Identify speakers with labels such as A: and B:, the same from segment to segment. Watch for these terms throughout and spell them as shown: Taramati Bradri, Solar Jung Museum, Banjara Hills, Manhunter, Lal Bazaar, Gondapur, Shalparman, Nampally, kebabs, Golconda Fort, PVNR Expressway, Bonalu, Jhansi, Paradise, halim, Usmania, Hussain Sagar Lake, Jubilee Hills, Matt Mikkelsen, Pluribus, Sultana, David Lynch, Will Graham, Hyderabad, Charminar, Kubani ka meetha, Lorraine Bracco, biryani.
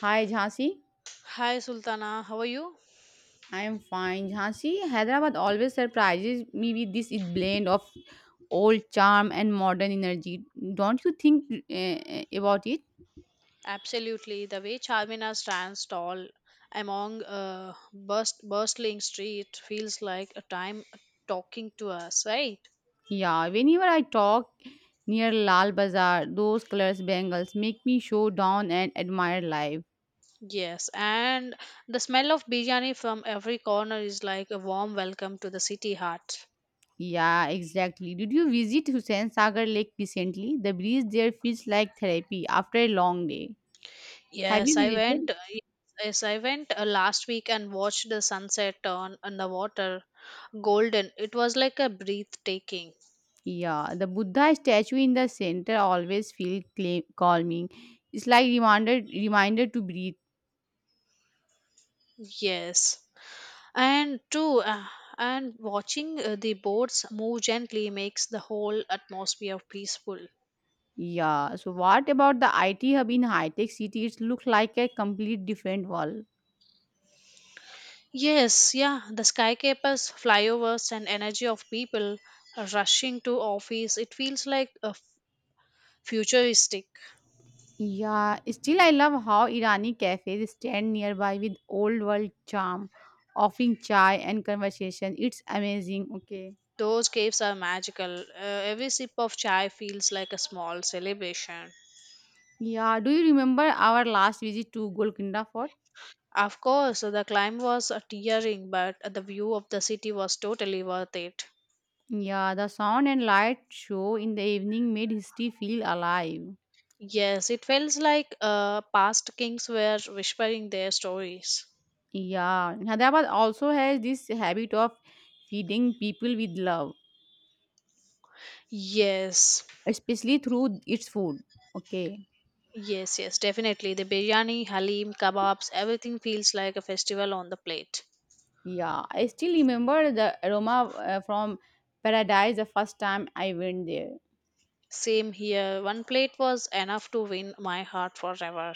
A: Hi Jhansi,
B: Hi Sultana, how are you?
A: I am fine. Jhansi, Hyderabad always surprises me with this blend of old charm and modern energy. Don't you think about it?
B: Absolutely. The way Charmina stands tall among a burst, bustling street feels like a time talking to us, right?
A: Yeah, whenever I talk near Lal Bazaar, those colors bangles make me show down and admire life.
B: Yes, and the smell of biryani from every corner is like a warm welcome to the city heart.
A: Yeah, exactly. Did you visit Hussain Sagar Lake recently? The breeze there feels like therapy after a long day. Have
B: Yes,
A: you
B: I
A: visited?
B: went. Yes, I went last week and watched the sunset on the water, golden. It was like a breathtaking.
A: Yeah, the Buddha statue in the center always feel cla calming. It's like reminder to breathe.
B: Yes. and too uh, and watching the boats move gently makes the whole atmosphere peaceful.
A: Yeah. So what about the IT hub in high-tech city? It looks like a complete different world.
B: Yes, yeah, the skyscrapers, flyovers and energy of people rushing to office, it feels like a futuristic.
A: Yeah, still I love how Irani cafes stand nearby with old world charm, offering chai and conversation. It's amazing. Okay.
B: Those caves are magical. Every sip of chai feels like a small celebration.
A: Yeah, do you remember our last visit to Golconda Fort?
B: Of course, the climb was tiring, but the view of the city was totally worth it.
A: Yeah, the sound and light show in the evening made history feel alive.
B: Yes, it feels like past kings were whispering their stories.
A: Yeah, Hyderabad also has this habit of feeding people with love,
B: Yes,
A: especially through its food. Okay.
B: yes, yes, definitely. The biryani, halim, kebabs, everything feels like a festival on the plate.
A: Yeah, I still remember the aroma from Paradise the first time I went there.
B: Same here. One plate was enough to win my heart forever.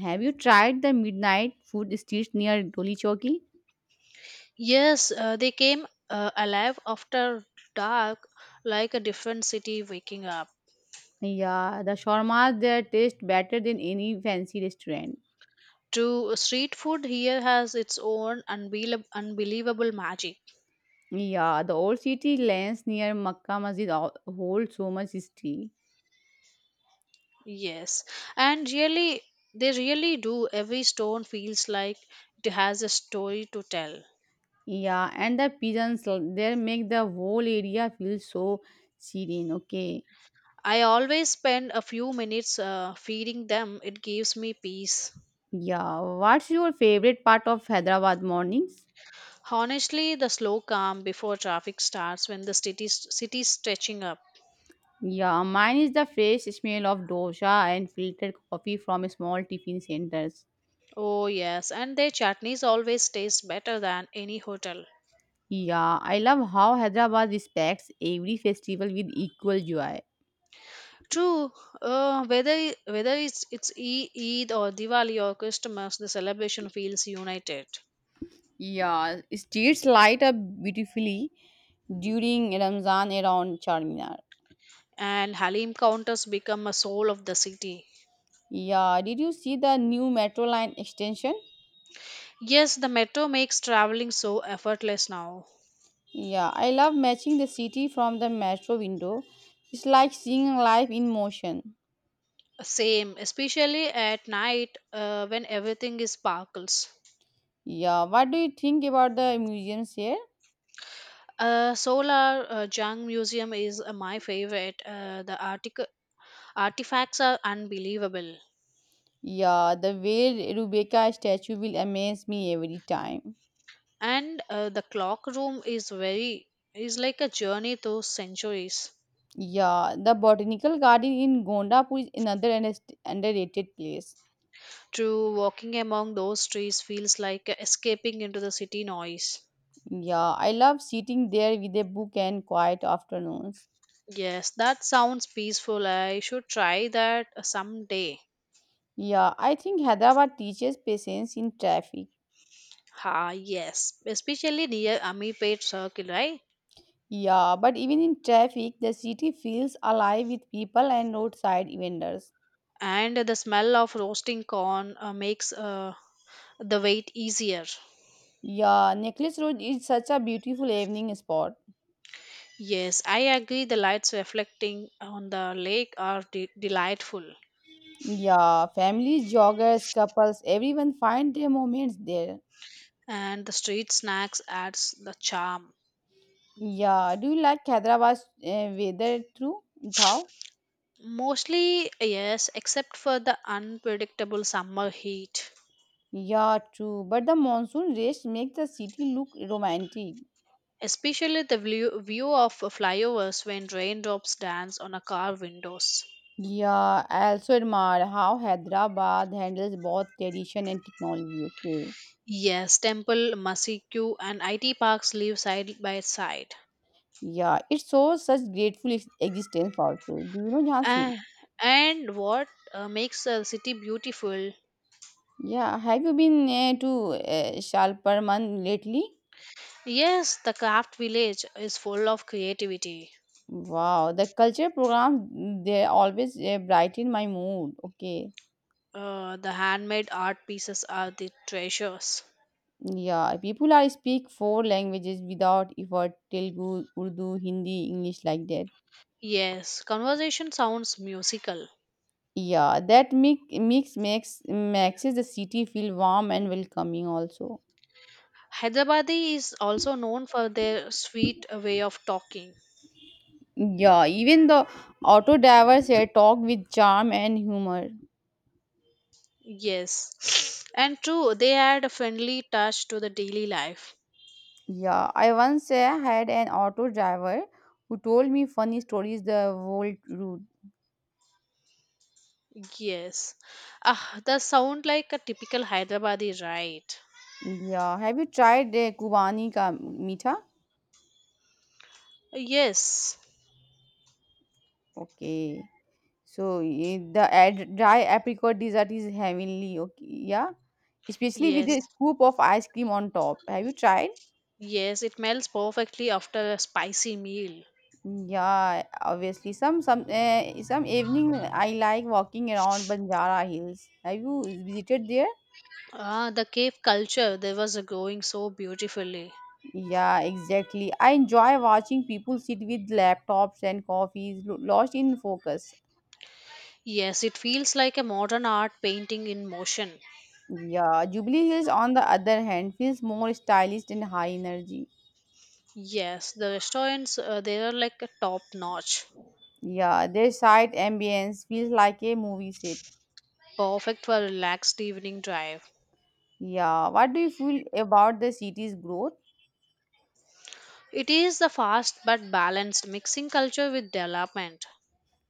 A: Have you tried the midnight food streets near Doli Chowki?
B: Yes, they came alive after dark, like a different city waking up.
A: Yeah, the shawarmas there taste better than any fancy restaurant.
B: To street food here has its own unbelievable magic.
A: Yeah, the old city lanes near Makkah Masjid hold so much history.
B: Yes, and really, they really do. Every stone feels like it has a story to tell.
A: Yeah, and the pigeons there make the whole area feel so serene. Okay.
B: I always spend a few minutes feeding them, it gives me peace.
A: Yeah. What's your favorite part of Hyderabad mornings?
B: Honestly, the slow calm before traffic starts when the city's stretching up.
A: Yeah, mine is the fresh smell of dosa and filtered coffee from small tiffin centers.
B: Oh, yes, and their chutneys always taste better than any hotel.
A: Yeah, I love how Hyderabad respects every festival with equal joy.
B: True, whether it's Eid or Diwali or Christmas, the celebration feels united.
A: Yeah, streets light up beautifully during Ramzan around Charminar.
B: And Halim counters become a soul of the city.
A: Yeah, did you see the new metro line extension?
B: Yes, the metro makes traveling so effortless now.
A: Yeah, I love matching the city from the metro window. It's like seeing life in motion.
B: Same, especially at night when everything is sparkles.
A: Yeah, what do you think about the museums here?
B: Solar Jung Museum is my favorite. The artifacts are unbelievable,
A: Yeah, the way Rebecca statue will amaze me every time.
B: and the clock room is very is like a journey through centuries.
A: Yeah, the botanical garden in Gondapur is another underrated place.
B: True, walking among those trees feels like escaping into the city noise.
A: Yeah, I love sitting there with a book and quiet afternoons.
B: Yes, that sounds peaceful. I should try that someday.
A: Yeah, I think Hyderabad teaches patience in traffic.
B: Ah, yes, especially near Amipet Circle, right?
A: Yeah, but even in traffic, the city feels alive with people and roadside vendors.
B: And the smell of roasting corn makes the wait easier.
A: Yeah, Necklace Road is such a beautiful evening spot.
B: Yes, I agree. The lights reflecting on the lake are delightful,
A: Yeah, families, joggers, couples, everyone find their moments there.
B: and the street snacks adds the charm.
A: Yeah, do you like Hyderabad's weather too, Thao?
B: Mostly, yes, except for the unpredictable summer heat.
A: Yeah, true. But the monsoon rains make the city look romantic.
B: Especially the view of flyovers when raindrops dance on a car windows.
A: Yeah, I also admire how Hyderabad handles both tradition and technology. Okay.
B: Yes, Temple, Masiku, and IT parks live side by side.
A: Yeah, it shows such grateful existence also. Do you know Jhansi?
B: Ah, and what makes a city beautiful?
A: Yeah, have you been to Shalparman lately?
B: Yes, the craft village is full of creativity.
A: Wow, the culture programs they always brighten my mood. Okay.
B: The handmade art pieces are the treasures.
A: Yeah, people are speak four languages without effort, Telugu, Urdu, Hindi, English like that.
B: Yes, conversation sounds musical.
A: Yeah, that mix makes the city feel warm and welcoming also.
B: Hyderabadi is also known for their sweet way of talking.
A: Yeah, even the auto drivers here talk with charm and humor.
B: Yes, and true, they add a friendly touch to the daily life.
A: Yeah, I once had an auto driver who told me funny stories the whole route.
B: Yes, ah, the sound like a typical Hyderabadi, right?
A: Yeah, have you tried Kubani ka meetha?
B: Yes,
A: Okay, so eh, the dry apricot dessert is heavenly. Okay, yeah, especially with a
B: yes,
A: scoop of ice cream on top. Have you tried?
B: yes, it melts perfectly after a spicy meal.
A: Yeah, obviously. Some evening I like walking around Banjara Hills. Have you visited there?
B: Ah, the cave culture there was a growing so beautifully.
A: Yeah, exactly. I enjoy watching people sit with laptops and coffees, lost in focus.
B: Yes, it feels like a modern art painting in motion.
A: Yeah, Jubilee Hills, on the other hand, feels more stylish and high energy.
B: Yes, the restaurants they are like a top notch,
A: Yeah, their site ambience feels like a movie set.
B: perfect for a relaxed evening drive.
A: Yeah, what do you feel about the city's growth?
B: It is the fast but balanced mixing culture with development.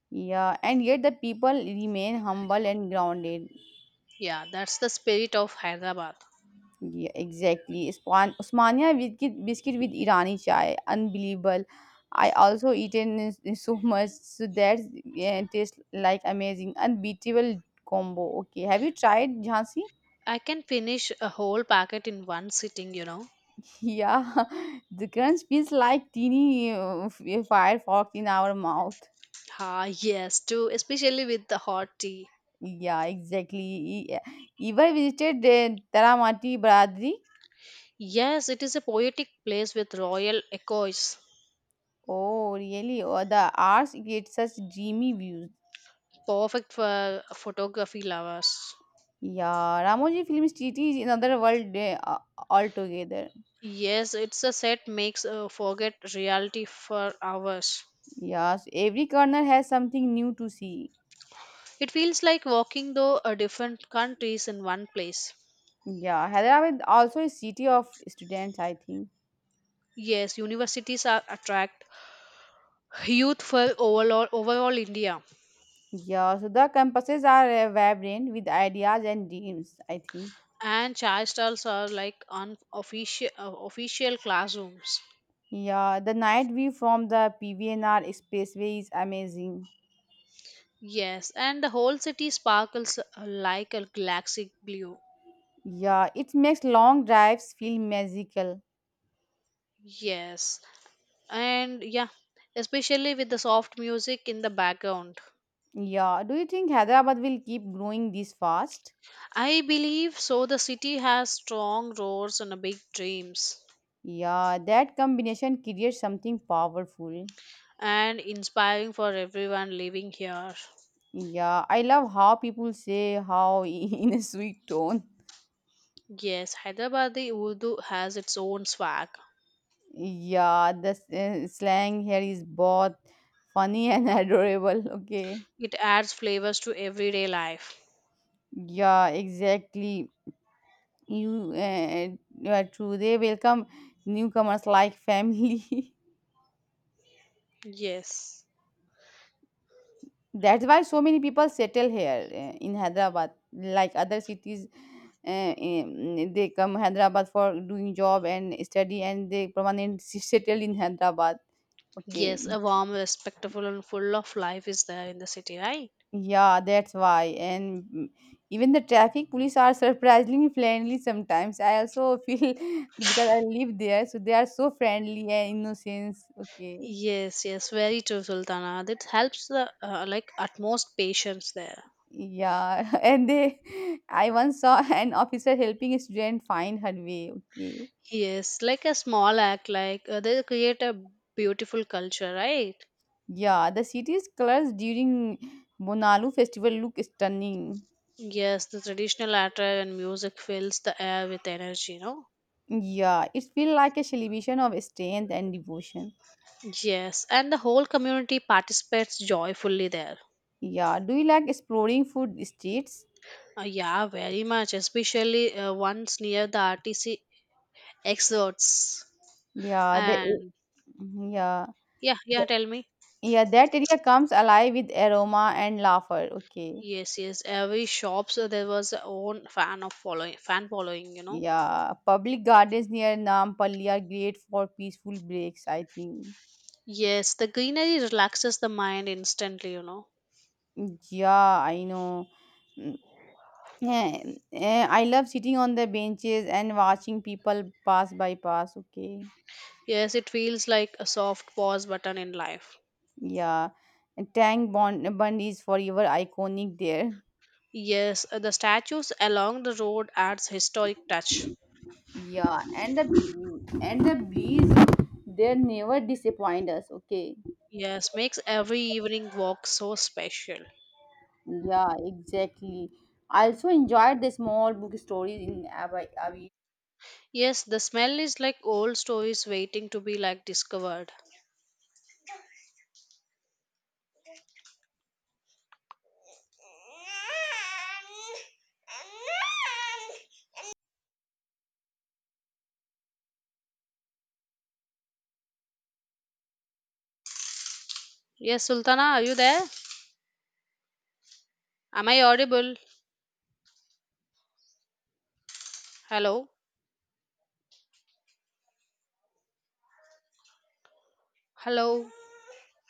A: Yeah, and yet the people remain humble and grounded.
B: Yeah, that's the spirit of Hyderabad.
A: Yeah, exactly. Usmania biscuit with Irani chai, unbelievable. I also eaten is so much, so that yeah, tastes like amazing, unbeatable combo. Okay, have you tried Jhansi?
B: I can finish a whole packet in one sitting, you know.
A: Yeah, the crunch feels like teeny firefox in our mouth.
B: Ah, yes, too, especially with the hot tea.
A: Yeah, exactly. E- yeah. Ever visited Taramati Bradri?
B: Yes, it is a poetic place with royal echoes,
A: Oh, really? Oh, the arts create such dreamy views.
B: perfect for photography lovers.
A: Yeah, Ramoji Film Street is another world eh, altogether.
B: Yes, it's a set makes forget reality for hours.
A: Yes, every corner has something new to see.
B: It feels like walking through a different countries in one place.
A: Yeah, Hyderabad also a city of students, I think.
B: Yes, universities are attract youth for overall India,
A: Yeah, so the campuses are eh, vibrant with ideas and dreams, I think.
B: and chai stalls are like unofficial official classrooms.
A: Yeah, the night view from the PVNR Expressway is amazing.
B: Yes, and the whole city sparkles like a galaxy blue.
A: Yeah, it makes long drives feel magical.
B: Yes, and yeah, especially with the soft music in the background.
A: Yeah, do you think Hyderabad will keep growing this fast?
B: I believe so. The city has strong roads and a big dreams,
A: Yeah, that combination creates something powerful.
B: and inspiring for everyone living here.
A: Yeah, I love how people say how in a sweet tone.
B: Yes, Hyderabadi Urdu has its own swag.
A: Yeah, the slang here is both funny and adorable. Okay.
B: It adds flavors to everyday life.
A: Yeah, exactly. You, uh, you are true. They welcome newcomers like family.
B: Yes.
A: That's why so many people settle here in Hyderabad. Like other cities, they come Hyderabad for doing job and study, and they permanent settle in Hyderabad. Okay,
B: Yes, a warm, respectful, and full of life is there in the city, right?
A: yeah, that's why. And even the traffic police are surprisingly friendly sometimes. I also feel because I live there, so they are so friendly and innocent. Okay.
B: Yes, yes, very true, Sultana. That helps the like utmost patience there.
A: Yeah, and they, I once saw an officer helping a student find her way. Okay,
B: Yes, like a small act, like they create a beautiful culture, right?
A: yeah, the city's colors during Bonalu festival look stunning.
B: Yes, the traditional attire and music fills the air with energy, you know.
A: Yeah, it feels like a celebration of strength and devotion.
B: Yes, and the whole community participates joyfully there.
A: Yeah, do you like exploring food streets?
B: Yeah, very much, especially once near the RTC exits.
A: Yeah, the
B: And
A: yeah,
B: yeah,
A: the-
B: yeah, tell me.
A: yeah, that area comes alive with aroma and laughter. Okay.
B: Yes, yes. Every shops there was a own fan of following, fan following. You know.
A: Yeah, public gardens near Nampally are great for peaceful breaks, I think.
B: Yes, the greenery relaxes the mind instantly. You know.
A: Yeah, I know. Mm, Yeah, eh, I love sitting on the benches and watching people pass by pass. Okay,
B: Yes, it feels like a soft pause button in life.
A: yeah, and Tank Bond Bund is forever iconic there.
B: Yes, the statues along the road adds historic touch.
A: Yeah, and the bees, they never disappoint us. Okay,
B: Yes, makes every evening walk so special.
A: yeah, exactly. I also enjoyed the small book stories in Abbey.
B: Yes, the smell is like old stories waiting to be like discovered. Yes, Sultana, are you there? Am I audible? Hello? Hello?